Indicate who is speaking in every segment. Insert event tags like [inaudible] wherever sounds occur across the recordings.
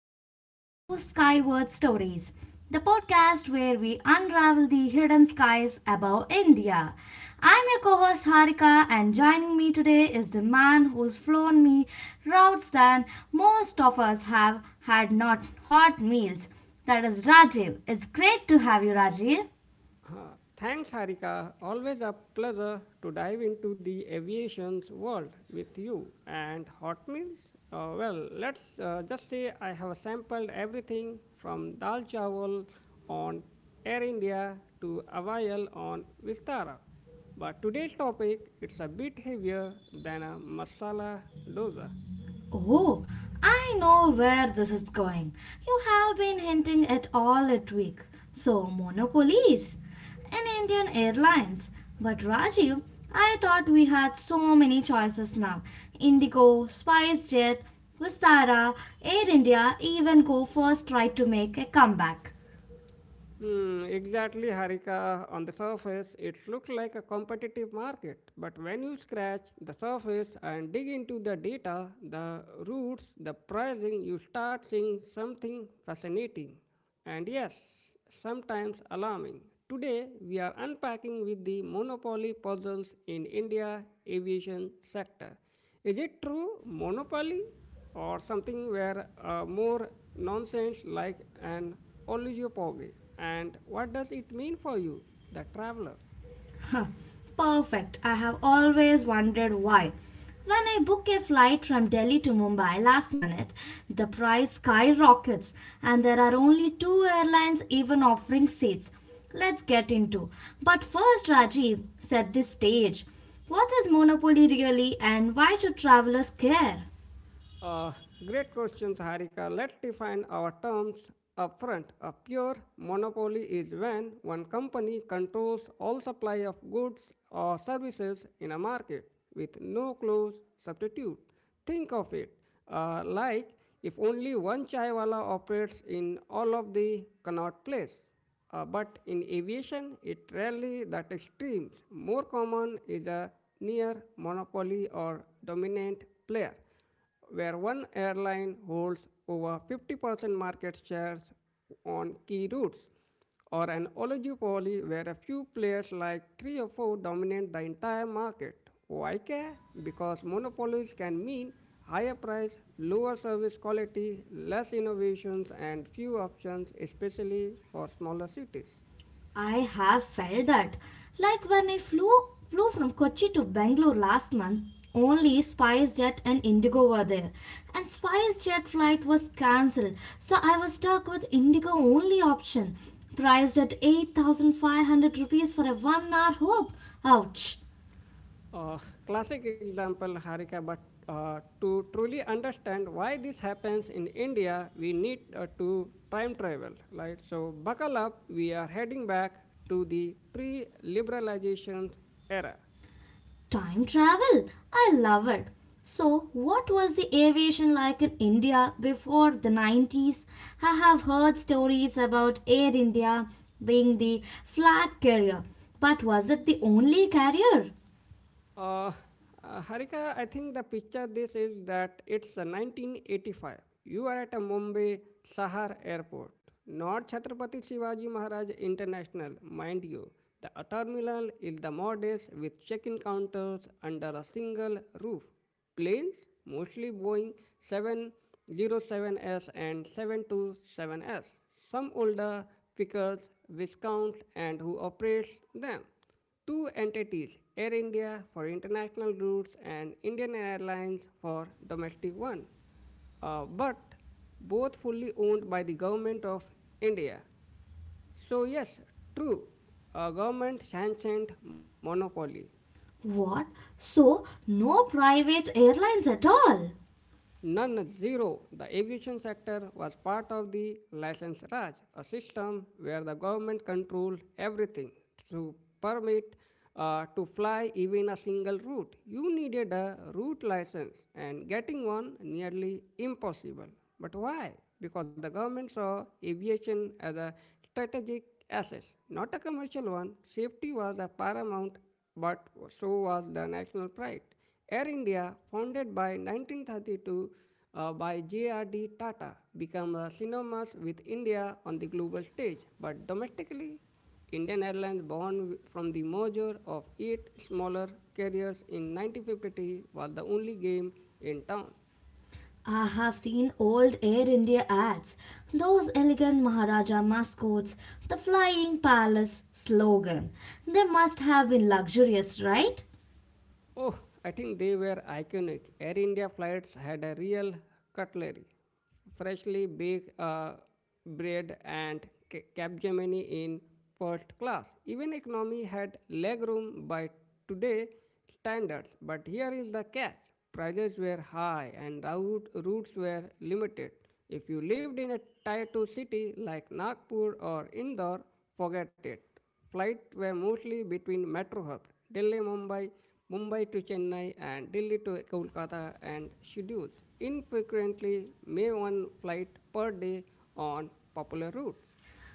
Speaker 1: welcome back to Skyward Stories, the podcast where we unravel the hidden skies above India. I'm your co host Harika, and joining me today is the man who's flown me routes than most of us have had not hot meals. That is Rajiv. It's great to have you, Rajiv.
Speaker 2: Uh, Thanks, Harika. Always a pleasure to dive into the aviation's world with you. And hot meals? Well, let's just say I have sampled everything from dal chawal on Air India to Avail on Vistara. But today's topic it's a bit heavier than a masala dosa.
Speaker 1: Oh, I know where this is going. You have been hinting at all at week. So, monopolies and Indian Airlines. But Rajiv, I thought we had so many choices now. Indigo, SpiceJet, Vistara, Air India even go first tried to make a comeback.
Speaker 2: Hmm, exactly, Harika. On the surface, it looks like a competitive market, but when you scratch the surface and dig into the data, the routes, the pricing, you start seeing something fascinating and yes, sometimes alarming. Today, we are unpacking with the monopoly puzzles in India aviation sector. Is it true monopoly or something where more nonsense like an oligopoly? And what does it mean for you, the traveler?
Speaker 1: Perfect. I have always wondered why. When I book a flight from Delhi to Mumbai last minute, the price skyrockets and there are only two airlines even offering seats. Let's get into. But first, Rajiv, set this stage. What is monopoly really and why should travelers care?
Speaker 2: Uh, Great questions, Harika. Let's define our terms upfront. A pure monopoly is when one company controls all supply of goods or services in a market with no close substitute. Think of it like if only one chaiwala operates in all of the Connaught Place. But in aviation, it rarely that extremes. More common is a near monopoly or dominant player where one airline holds over 50% market shares on key routes, or an oligopoly where a few players like three or four dominate the entire market. Why care? Because monopolies can mean higher price, lower service quality, less innovations, and few options, especially for smaller cities.
Speaker 1: I have felt that. Like when I flew from Kochi to Bangalore last month, only SpiceJet and Indigo were there. And SpiceJet flight was cancelled, so I was stuck with Indigo only option, priced at 8,500 rupees for a 1 hour hop. Ouch.
Speaker 2: Uh, Classic example, Harika, but to truly understand why this happens in India, we need to time travel, right? So, buckle up, we are heading back to the pre liberalization era.
Speaker 1: Time travel! I love it. So, what was the aviation like in India before the 90s? I have heard stories about Air India being the flag carrier, but was it the only carrier?
Speaker 2: Uh, Harika, I think the picture this is that it's 1985. You are at a Mumbai Sahar Airport, not Chhatrapati Shivaji Maharaj International, mind you. The terminal is the modest with check-in counters under a single roof. Planes, mostly Boeing 707s and 727s. Some older pickers, viscounts, and who operates them. Two entities, Air India for international routes and Indian Airlines for domestic one, but both fully owned by the government of India. So yes, true, a government sanctioned monopoly.
Speaker 1: What? So, no private airlines at all?
Speaker 2: Non zero, the aviation sector was part of the license Raj, a system where the government controlled everything through permit to fly even a single route. You needed a route license and getting one nearly impossible. But why? Because the government saw aviation as a strategic asset, not a commercial one. Safety was a paramount, but so was the national pride. Air India, founded by 1932 by J.R.D. Tata, became synonymous with India on the global stage. But domestically, Indian Airlines, born from the merger of 8 smaller carriers in 1953, was the only game in town.
Speaker 1: I have seen old Air India ads, those elegant Maharaja mascots, the flying palace slogan. They must have been luxurious, right?
Speaker 2: Oh, I think they were iconic. Air India flights had a real cutlery, freshly baked bread, and Capgemini in first class. Even economy had legroom by today standards. But here is the catch: prices were high and routes were limited. If you lived in a tier 2 city like Nagpur or Indore, forget it. Flights were mostly between metro hubs, Delhi, Mumbai, Mumbai to Chennai, and Delhi to Kolkata, and scheduled infrequently, may one flight per day on popular routes.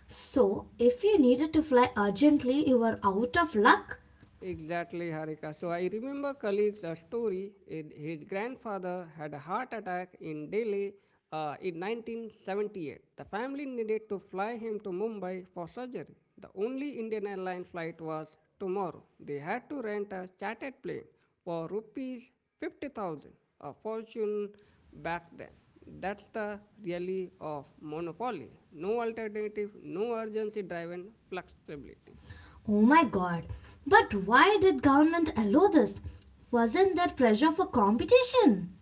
Speaker 1: So, if you needed to fly urgently, you were out of luck?
Speaker 2: Exactly, Harika. So I remember colleagues a story. His grandfather had a heart attack in Delhi in 1978. The family needed to fly him to Mumbai for surgery. The only Indian airline flight was tomorrow. They had to rent a chartered plane for rupees 50,000, a fortune back then. That's the reality of monopoly. No alternative, no urgency driven flexibility.
Speaker 1: Oh my god. But why did government allow this? Wasn't there pressure for competition?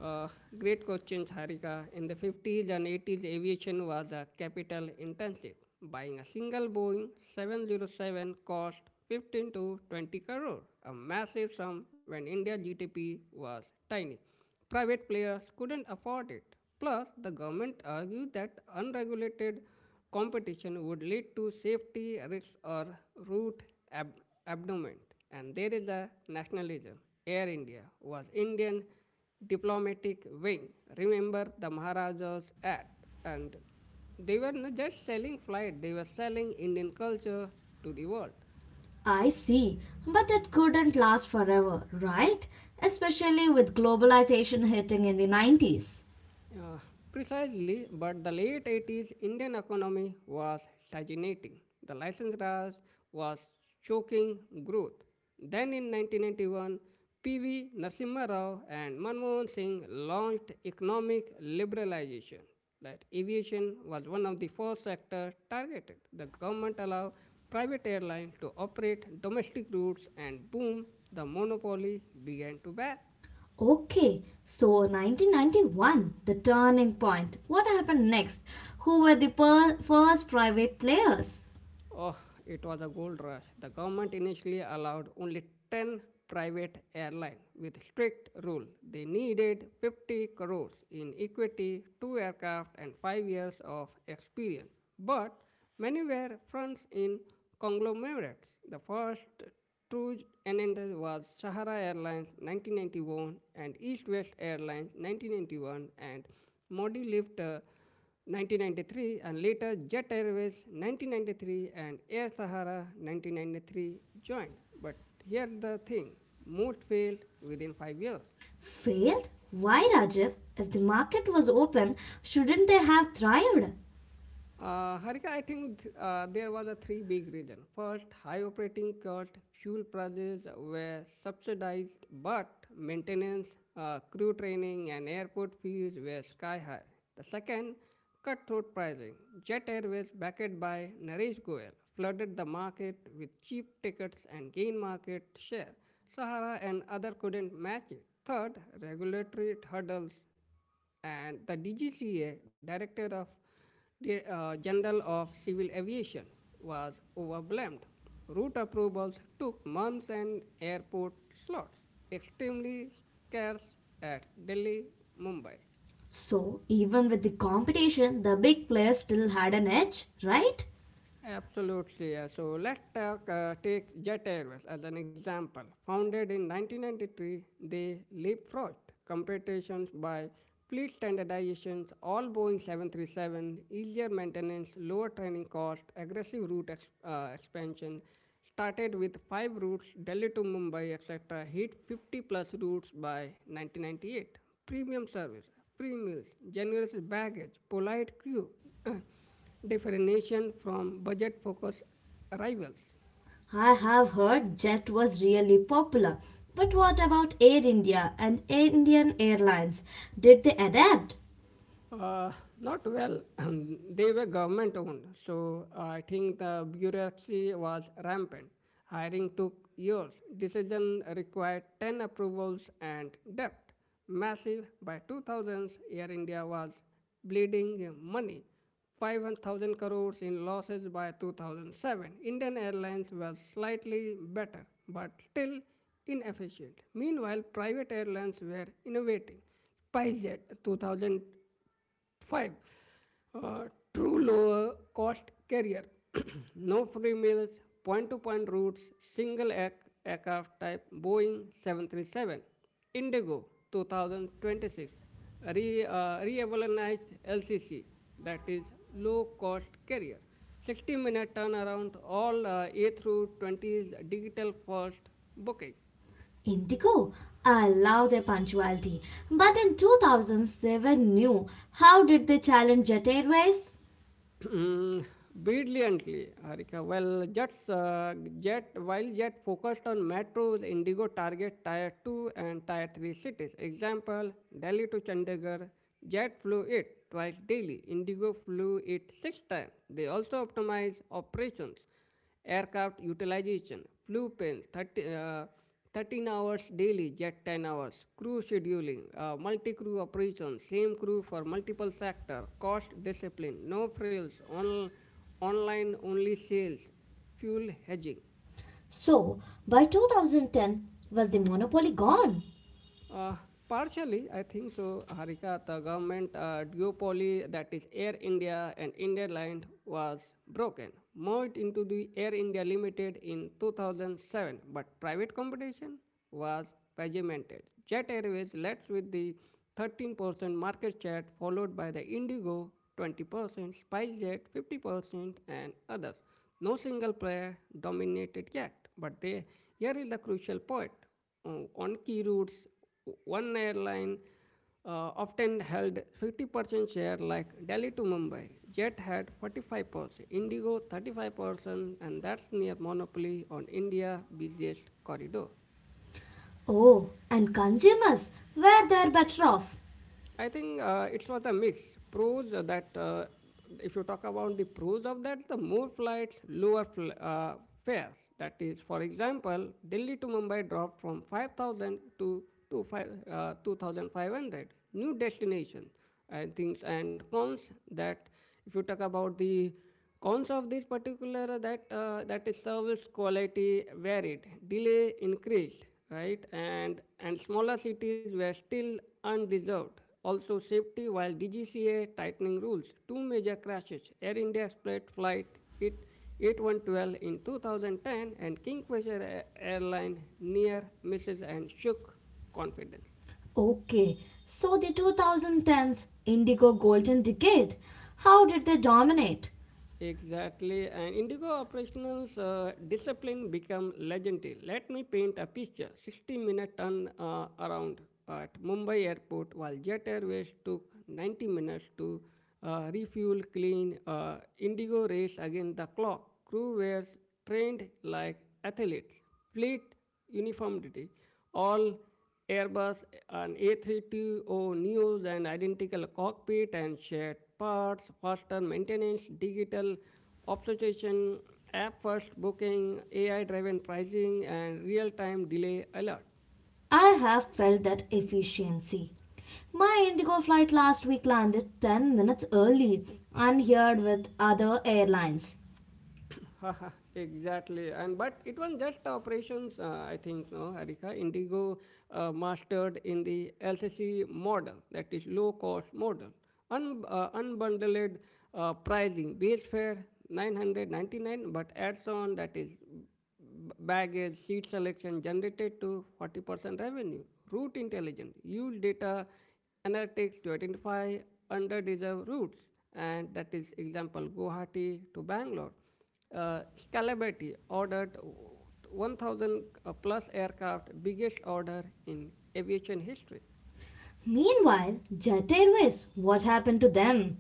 Speaker 2: Uh, Great question, Harika. In the 50s and 80s, aviation was a capital intensive. Buying a single Boeing 707 cost 15 to 20 crore, a massive sum when India's GDP was tiny. Private players couldn't afford it. Plus, the government argued that unregulated competition would lead to safety risks or route ab- abandonment. And there is the nationalism. Air India was Indian diplomatic wing. Remember the Maharajas Act. And they were not just selling flight, they were selling Indian culture to the world.
Speaker 1: I see, but it couldn't last forever, right? Especially with globalization hitting in the 90s.
Speaker 2: Uh, Precisely, but the late 80s Indian economy was stagnating. The license Raj was choking growth. Then in 1991, P.V. Narasimha Rao and Manmohan Singh launched economic liberalization. That aviation was one of the first sectors targeted. The government allowed private airlines to operate domestic routes and boom, the monopoly began to back.
Speaker 1: Okay, so 1991, the turning point. What happened next? Who were the first private players?
Speaker 2: Oh, it was a gold rush. The government initially allowed only 10 private airlines with strict rule. They needed 50 crores in equity, two aircraft and 5 years of experience. But many were fronts in conglomerates. The first true entity was Sahara Airlines 1991 and East West Airlines 1991 and Modi lived a 1993 and later Jet Airways 1993 and Air Sahara 1993 joined. But here's the thing most failed within 5 years.
Speaker 1: Failed? Why, Rajiv? If the market was open, shouldn't they have thrived?
Speaker 2: Harika, I think there was a three big reason. First, high operating cost, fuel prices were subsidized, but maintenance, crew training, and airport fees were sky high. The second, cutthroat pricing. Jet Airways, backed by Naresh Goyal, flooded the market with cheap tickets and gained market share. Sahara and other couldn't match it. Third, regulatory hurdles and the DGCA, Director of the General of Civil Aviation, was overwhelmed. Route approvals took months and airport slots, extremely scarce at Delhi, Mumbai.
Speaker 1: So, even with the competition, the big players still had an edge, right?
Speaker 2: Absolutely. So let's talk, take Jet Airways as an example. Founded in 1993, they leapfrogged competitions by fleet standardizations, all Boeing 737, easier maintenance, lower training cost, aggressive route expansion. Started with five routes, Delhi to Mumbai, etc. Hit 50 plus routes by 1998. Premium service, free meals, generous baggage, polite crew. [clears throat] Differentiation from budget focused rivals.
Speaker 1: I have heard Jet was really popular. But what about Air India and Indian Airlines? Did they adapt?
Speaker 2: Uh, Not well. [clears throat] They were government owned, so I think the bureaucracy was rampant. Hiring took years. Decision required 10 approvals and debt. Massive. By 2000s, Air India was bleeding money. 5,000 crores in losses by 2007. Indian Airlines was slightly better, but still inefficient. Meanwhile, private airlines were innovating. SpiceJet 2000 5. Uh, True lower cost carrier. [clears throat] No free meals, point to point routes, single act aircraft type Boeing 737. Indigo 2026. Revolutionized LCC, that is low cost carrier. 60-minute turnaround, all A through 20 is digital first booking.
Speaker 1: Indigo. I love their punctuality. But in 2000s, they were new. How did they challenge Jet Airways?
Speaker 2: [clears throat] Brilliantly, Harika. Well, while Jet focused on metros, Indigo target Tier 2 and Tier 3 cities. Example, Delhi to Chandigarh, Jet flew it twice daily. Indigo flew it six times. They also optimized operations Aircraft utilization, flu plane, 13 hours daily, jet 10 hours, crew scheduling, multi-crew operation, same crew for multiple sector, cost discipline, no frills, online only sales, fuel hedging.
Speaker 1: So, by 2010, was the monopoly gone?
Speaker 2: Uh, Partially, I think so, Harika. The government duopoly, that is Air India and India Line, was broken, merged into the Air India Limited in 2007. But private competition was regimented. Jet Airways led with the 13% market share, followed by the Indigo 20%, SpiceJet 50%, and others. No single player dominated yet. But they, here is the crucial point on key routes, one airline often held 50% share like Delhi to Mumbai. Jet had 45%, Indigo 35%, and that's near monopoly on India's busiest corridor.
Speaker 1: Oh, and consumers, where they're better off.
Speaker 2: I think it was a mix. Pros that if you talk about the pros of that, the more flights, lower fares. That is, for example, Delhi to Mumbai dropped from 5,000 to five, 2,500. New destination and things and cons that if you talk about the cons of this particular, that is service quality varied, delay increased, right, and smaller cities were still undeserved. Also, safety while DGCA tightening rules, two major crashes: Air India's split flight it 8112 in 2010 and Kingfisher Airline near misses and shook confidence.
Speaker 1: Okay, so the 2010s indigo golden decade, how did they dominate?
Speaker 2: Exactly, and Indigo Operational's discipline became legendary. Let me paint a picture 60 minute turn around at Mumbai airport, while Jet Airways took 90 minutes to refuel, clean. Indigo raced against the clock. Crew were trained like athletes, fleet uniformity, all Airbus and A320neos and identical cockpit and shared parts, faster maintenance, digital optimization, app-first booking, AI-driven pricing, and real-time delay alert.
Speaker 1: I have felt that efficiency. My indigo flight last week landed 10 minutes early, unheard with other airlines.
Speaker 2: [laughs] Exactly and but it was just operations I think no harika indigo mastered in the L C C model that is low cost model unbundled pricing base fare 999 but adds on that is baggage, seat selection generated to 40% revenue. Route intelligence use data analytics to identify underdeserved routes, and that is example Guwahati to Bangalore. Scalability ordered 1,000 plus aircraft, biggest order in aviation history.
Speaker 1: Meanwhile, Jet Airways, what happened to them?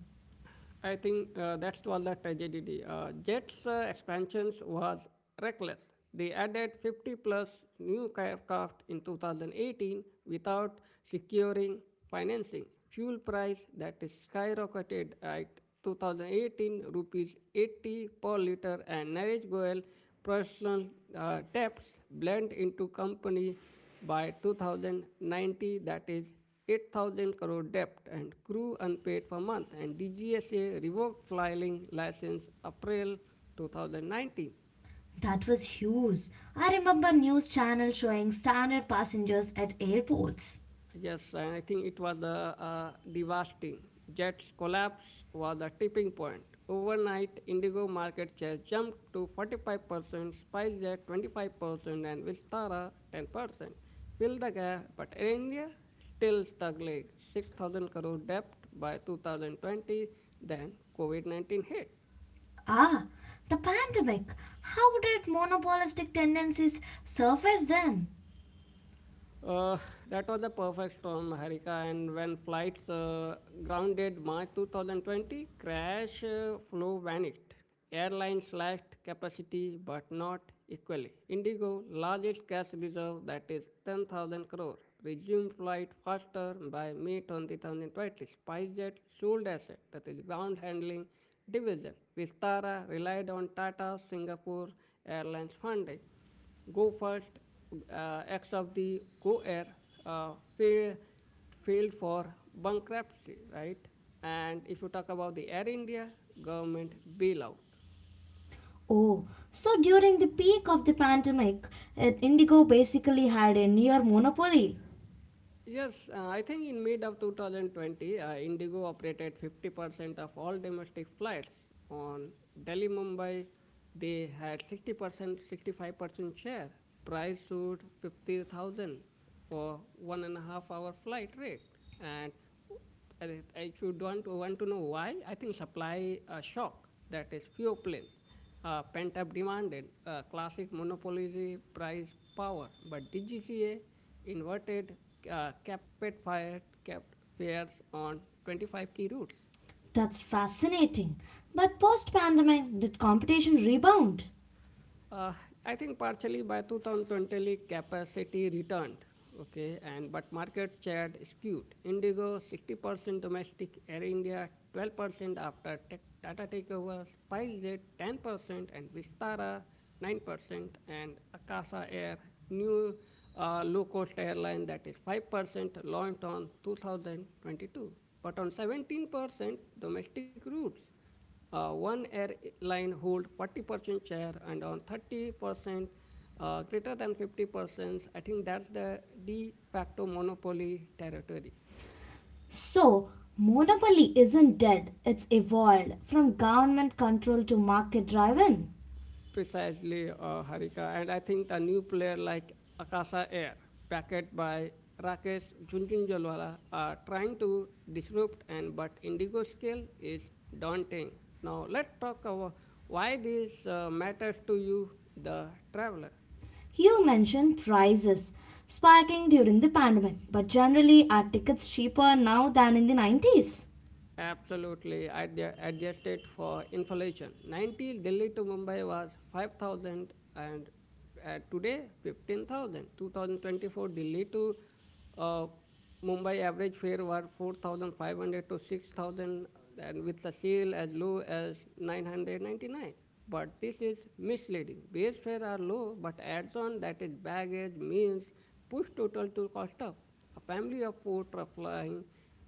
Speaker 2: I think that's all the tragedy. Jets' expansions was reckless. They added 50 plus new aircraft in 2018 without securing financing. Fuel price that is skyrocketed at 2018 rupees 80 per liter and Naresh Goel personal debts blend into company by 2090 that is 8,000 crore debt and crew unpaid for month and DGSA revoked flying license April 2019.
Speaker 1: That was huge. I remember news channel showing stranded passengers at airports.
Speaker 2: Yes, and I think it was devastating. Jet's collapse was a tipping point. Overnight, Indigo market share jumped to 45%, SpiceJet 25%, and Vistara 10%. Fill the gap, but Air India still struggling. 6,000 crore debt by 2020, then COVID 19 hit.
Speaker 1: Ah, the pandemic. How did monopolistic tendencies surface then?
Speaker 2: Uh, that was a perfect storm, Harika. And when flights grounded March 2020, crash flow vanished. Airlines slashed capacity, but not equally. Indigo, largest cash reserve, that is 10,000 crore, resumed flight faster by May 2020. SpiceJet sold asset, that is ground handling division. Vistara relied on Tata Singapore Airlines funding go first acts of the go air uh, fail, failed for bankruptcy, right? And if you talk about the Air India government bailout,
Speaker 1: Oh, so during the peak of the pandemic, Indigo basically had a near monopoly.
Speaker 2: yes, I think in mid of 2020, Indigo operated 50% of all domestic flights on Delhi Mumbai. They had 60% 65% share. Price stood 50,000 for 1.5 hour flight rate. And I should want to know why. I think supply shock, that is few planes, pent up demand, classic monopoly price power. But DGCA inverted capit fired, kept fares on 25 key routes.
Speaker 1: That's fascinating. But post pandemic, did competition rebound?
Speaker 2: Uh, I think partially by 2020 capacity returned, okay, and but market share skewed. Indigo 60% domestic, Air India 12% after tech, Tata takeover, SpiceJet 10% and Vistara 9% and Akasa Air, new low-cost airline, that is 5%, launched on 2022, but on 17% domestic routes. One airline hold 40% share and on 30% greater than 50%. I think that's the de facto monopoly territory.
Speaker 1: So, monopoly isn't dead, it's evolved from government control to market driven.
Speaker 2: Precisely, Harika. And I think the new player like Akasa Air, backed by Rakesh Junjunjalwala, are trying to disrupt, and but Indigo scale is daunting. Now, let's talk about why this matters to you, the traveler.
Speaker 1: You mentioned prices spiking during the pandemic, but generally are tickets cheaper now than in the 90s?
Speaker 2: Absolutely, at the adjusted for inflation. 90 Delhi to Mumbai was 5,000 and today 15,000. 2024 Delhi to uh, Mumbai average fare were 4,500 to 6,000 and with the sale as low as 999. But this is misleading. Base fare are low, but adds on, that is baggage, means push total to cost up. A family of four traveling.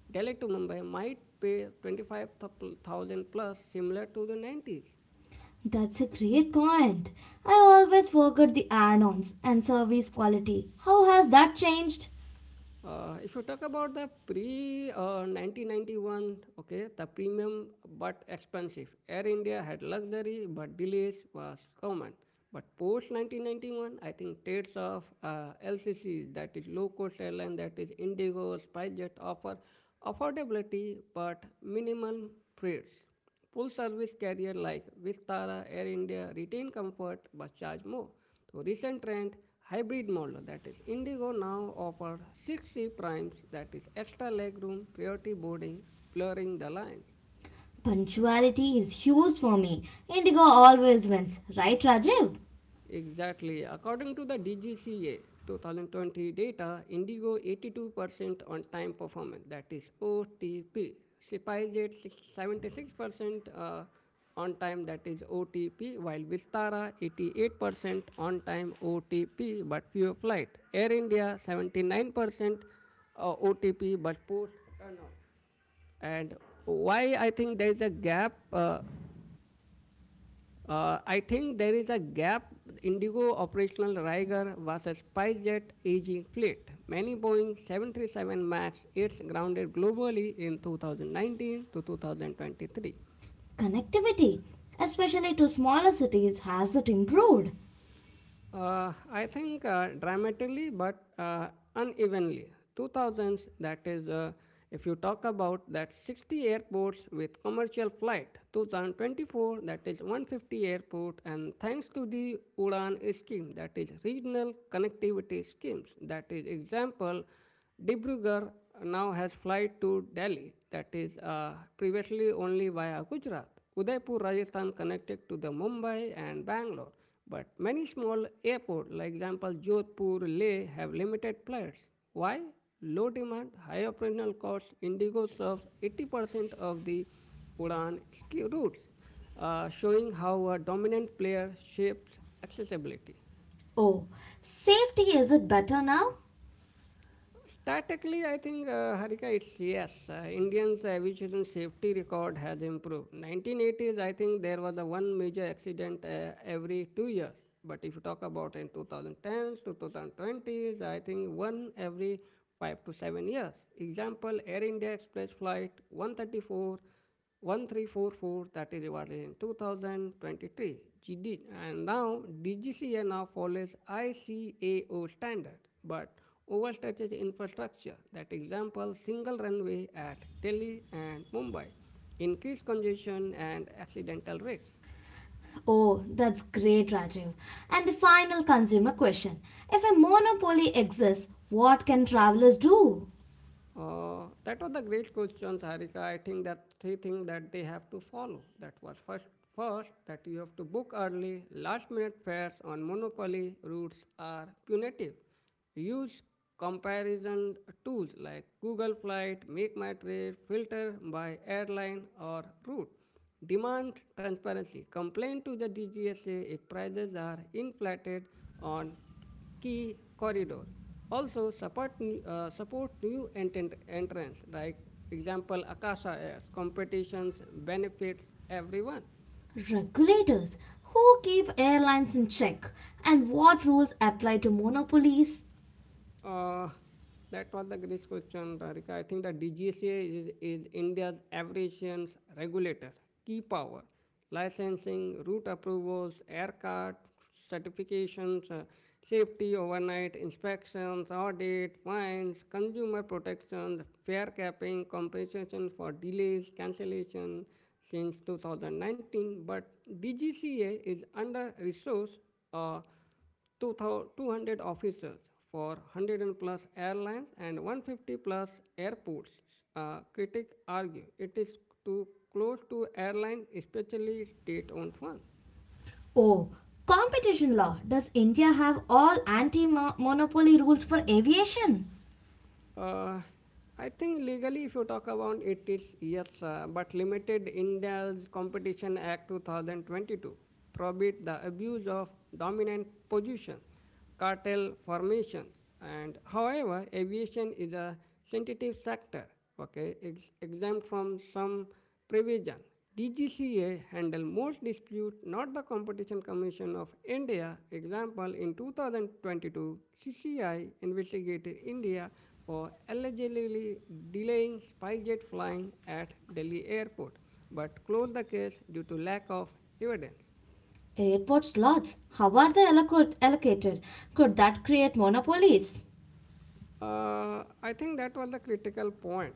Speaker 2: Delhi to Mumbai might pay 25,000 plus, similar to the 90s.
Speaker 1: That's a great point. I always forget the add-ons and service quality. How has that changed?
Speaker 2: If you talk about the pre 1991, okay, the premium but expensive. Air India had luxury but delays was common. But post 1991, I think trades of LCCs, that is low cost airline, that is Indigo, SpiceJet, offer affordability but minimal fares. Full service carrier like Vistara, Air India retain comfort but charge more. So recent trend hybrid model, that is Indigo now offers 6 C primes, that is extra legroom, priority boarding, blurring the lines.
Speaker 1: Punctuality is huge for me. Indigo always wins, right Rajiv?
Speaker 2: Exactly. According to the DGCA 2020 data, Indigo 82% on time performance, that is OTP. Sipai Jet 76% on time, that is OTP, while Vistara 88% on time OTP but fewer flight. Air India 79% OTP but poor turnout. And why I think there is a gap I think there is a gap. Indigo operational Riger was a SpiceJet aging fleet. Many Boeing 737 MAX 8s grounded globally in 2019 to 2023.
Speaker 1: Connectivity, especially to smaller cities, has it improved?
Speaker 2: I think dramatically, but unevenly. 2000s, that is, if you talk about that 60 airports with commercial flight, 2024, that is 150 airport, and thanks to the Udan scheme, that is regional connectivity schemes, that is example, Dibrugarh now has flight to Delhi, that is previously only via Gujarat. Udaipur, Rajasthan connected to the Mumbai and Bangalore, but many small airports, like example Jodhpur, Leh, have limited flights. Why? Low demand, high operational costs. Indigo serves 80% of the Udan ski routes, showing how a dominant player shapes accessibility.
Speaker 1: Oh, safety is it better now?
Speaker 2: Statically, I think, Harika, it's yes. Indians' aviation safety record has improved. 1980s, I think there was a one major accident every 2 years. But if you talk about in 2010s, 2020s, I think one every 5 to 7 years. Example, Air India Express flight 1344, that is awarded in 2023 GD, and now DGCA now follows ICAO standard but overstretches infrastructure that example single runway at Delhi and Mumbai increased congestion and accidental risks.
Speaker 1: Oh, that's great, Rajiv. And the final consumer question, if a monopoly exists, what can travelers do?
Speaker 2: That was the great question, Sarika. I think that three things that they have to follow. That was first that you have to book early. Last minute fares on monopoly routes are punitive. Use comparison tools like Google Flight, Make My Trip, filter by airline or route. Demand transparency. Complain to the DGSA if prices are inflated on key corridor. Also support new entrants like example Akasha Airs, competitions benefits everyone.
Speaker 1: Regulators. Who keep airlines in check? And what rules apply to monopolies?
Speaker 2: Uh, that was the great question, Tarika. I think the DGCA is India's aviation regulator, key power, licensing, route approvals, aircraft certifications, safety overnight inspections, audit, fines, consumer protections, fare capping, compensation for delays, cancellation since 2019. But DGCA is under resourced. Uh, 200 officers for 100 plus airlines and 150 plus airports. Critics argue it is too close to airlines, especially state owned ones.
Speaker 1: Oh, competition law. Does India have all anti monopoly rules for aviation?
Speaker 2: Uh, I think legally, if you talk about it, is yes, but limited. India's Competition Act 2022 prohibit the abuse of dominant position, cartel formation, and however, aviation is a sensitive sector. Okay, it's exempt from some provision. DGCA handle most dispute, not the Competition Commission of India. Example, in 2022, CCI investigated India for allegedly delaying Spyjet flying at Delhi airport, but closed the case due to lack of evidence.
Speaker 1: Airport slots. How are they allocated? Could that create monopolies?
Speaker 2: I think that was the critical point.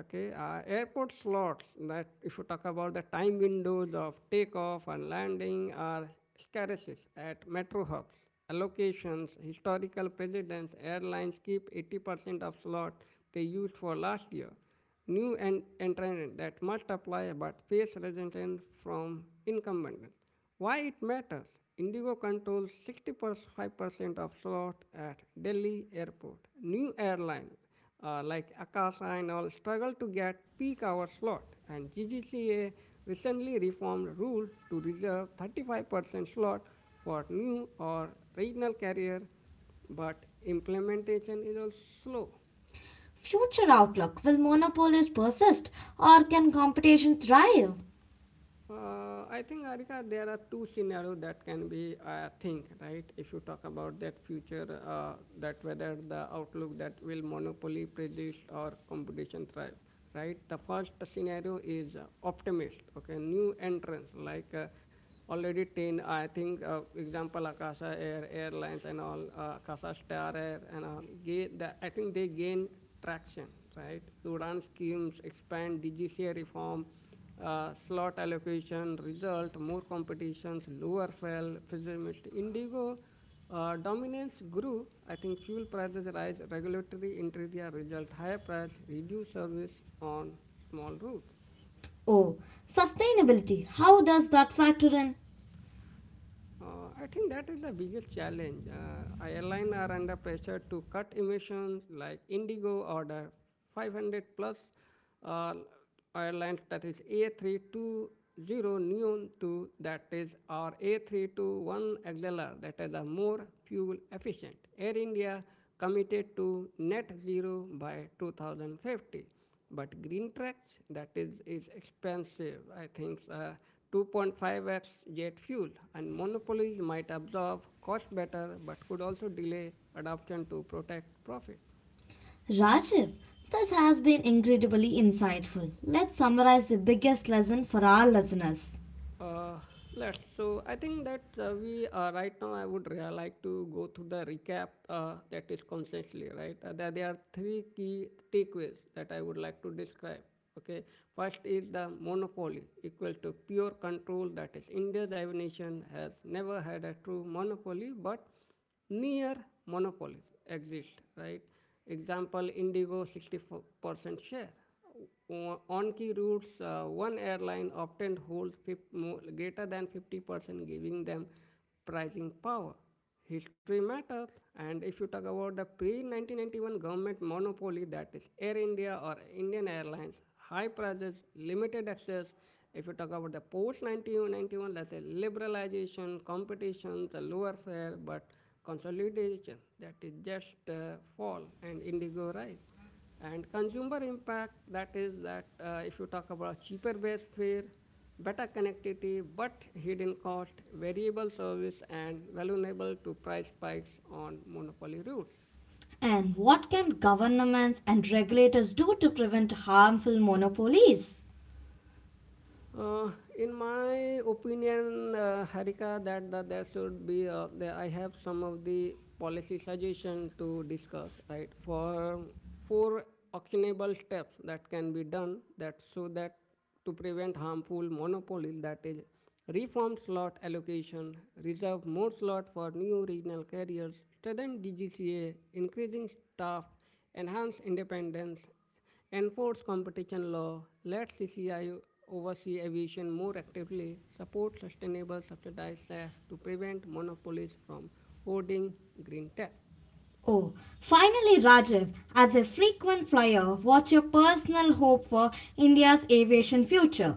Speaker 2: Okay, airport slots that if you talk about the time windows of takeoff and landing are scarces at metro hubs. Allocations, historical presidents, airlines keep 80% of slot they used for last year. New entrants that must apply but face resistance from incumbents. Why it matters? Indigo controls 65% of slots at Delhi Airport. New airlines like Akasa and all struggle to get peak hour slot, and GGCA recently reformed rule to reserve 35% slot for new or regional carrier, but implementation is also slow.
Speaker 1: Future outlook. Will monopolies persist or can competition thrive?
Speaker 2: I think, Arika, there are two scenarios that can be think, right? If you talk about that future, that whether the outlook that will monopoly persist or competition thrive, right? The first scenario is optimist, okay? New entrants like already 10, I think, example, Akasha Air, Airlines and all, Akasha Star Air and all, gain, the, I think they gain traction, right? Udan schemes expand, DGCA reform, slot allocation, result, more competitions, lower fuel, physiomist. Indigo dominance grew. I think fuel prices rise, regulatory interior result, higher price, reduced service on small routes.
Speaker 1: Oh, sustainability. How does that factor in?
Speaker 2: I think that is the biggest challenge. Airlines are under pressure to cut emissions, like Indigo order 500 plus uh, airlines that is A320 Neon 2, that is, or A321 XLR, that is a more fuel efficient. Air India committed to net zero by 2050. But green tracks, that is expensive. I think 2.5x jet fuel and monopolies might absorb cost better but could also delay adoption to protect profit.
Speaker 1: Rajiv, this has been incredibly insightful. Let's summarize the biggest lesson for our listeners.
Speaker 2: Uh, let's. So I think that we right now I would like to go through the recap that is constantly right. There are three key takeaways that I would like to describe. Okay, first is the monopoly equal to pure control. That is, India's aviation has never had a true monopoly, but near monopoly exist, right? Example, Indigo 64% share. On key routes, one airline often holds greater than 50%, giving them pricing power. History matters, and if you talk about the pre 1991 government monopoly, that is Air India or Indian Airlines, high prices, limited access. If you talk about the post 1991, let's say liberalization, competition, the lower fare, but consolidation, that is just fall and indigo rise. And consumer impact, that is that if you talk about cheaper base fare, better connectivity, but hidden cost, variable service, and vulnerable to price spikes on monopoly routes.
Speaker 1: And what can governments and regulators do to prevent harmful monopolies?
Speaker 2: Uh, in my opinion, Harika, that there should be, I have some of the policy suggestion to discuss, right? For four actionable steps that can be done that so that to prevent harmful monopoly, that is, reform slot allocation, reserve more slot for new regional carriers, strengthen DGCA, increasing staff, enhance independence, enforce competition law, let CCI oversee aviation more actively, support sustainable subsidized SAF to prevent monopolies from hoarding green tech.
Speaker 1: Oh, finally, Rajiv, as a frequent flyer, what's your personal hope for India's aviation future?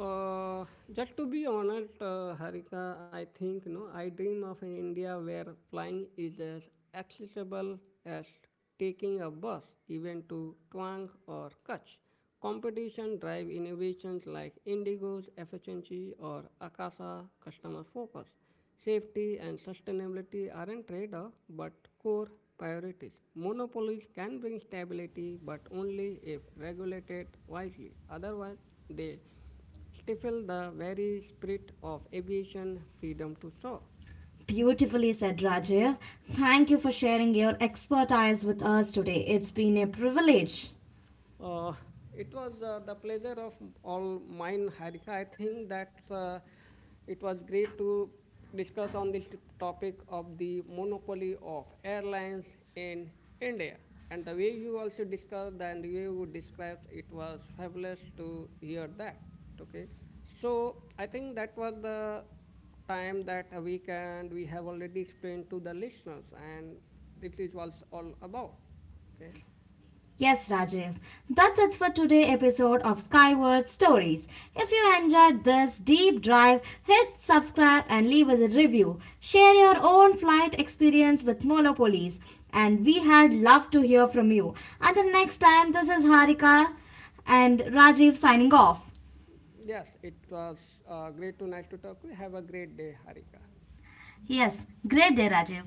Speaker 2: Uh, just to be honest, Harika, I think no. I dream of an India where flying is as accessible as taking a bus, even to Twang or Kutch. Competition drive innovations like Indigo's efficiency or Akasa customer focus. Safety and sustainability aren't trade-off, but core priorities. Monopolies can bring stability, but only if regulated wisely. Otherwise, they stifle the very spirit of aviation freedom to soar.
Speaker 1: Beautifully said, Rajiv. Thank you for sharing your expertise with us today. It's been a privilege.
Speaker 2: Uh, it was the pleasure of all mine, Harika. I think that it was great to discuss on this topic of the monopoly of airlines in India. And the way you also discussed and the way you described it was fabulous to hear that. Okay, so I think that was the time that we can. We have already explained to the listeners, and it is was all about. Okay.
Speaker 1: Yes, Rajiv. That's it for today's episode of Skyward Stories. If you enjoyed this deep dive, hit subscribe and leave us a review. Share your own flight experience with Molopolis, and we had love to hear from you. Until next time, this is Harika and Rajiv signing off.
Speaker 2: Yes, it was great to nice to talk to you. Have a great day, Harika.
Speaker 1: Yes, great day, Rajiv.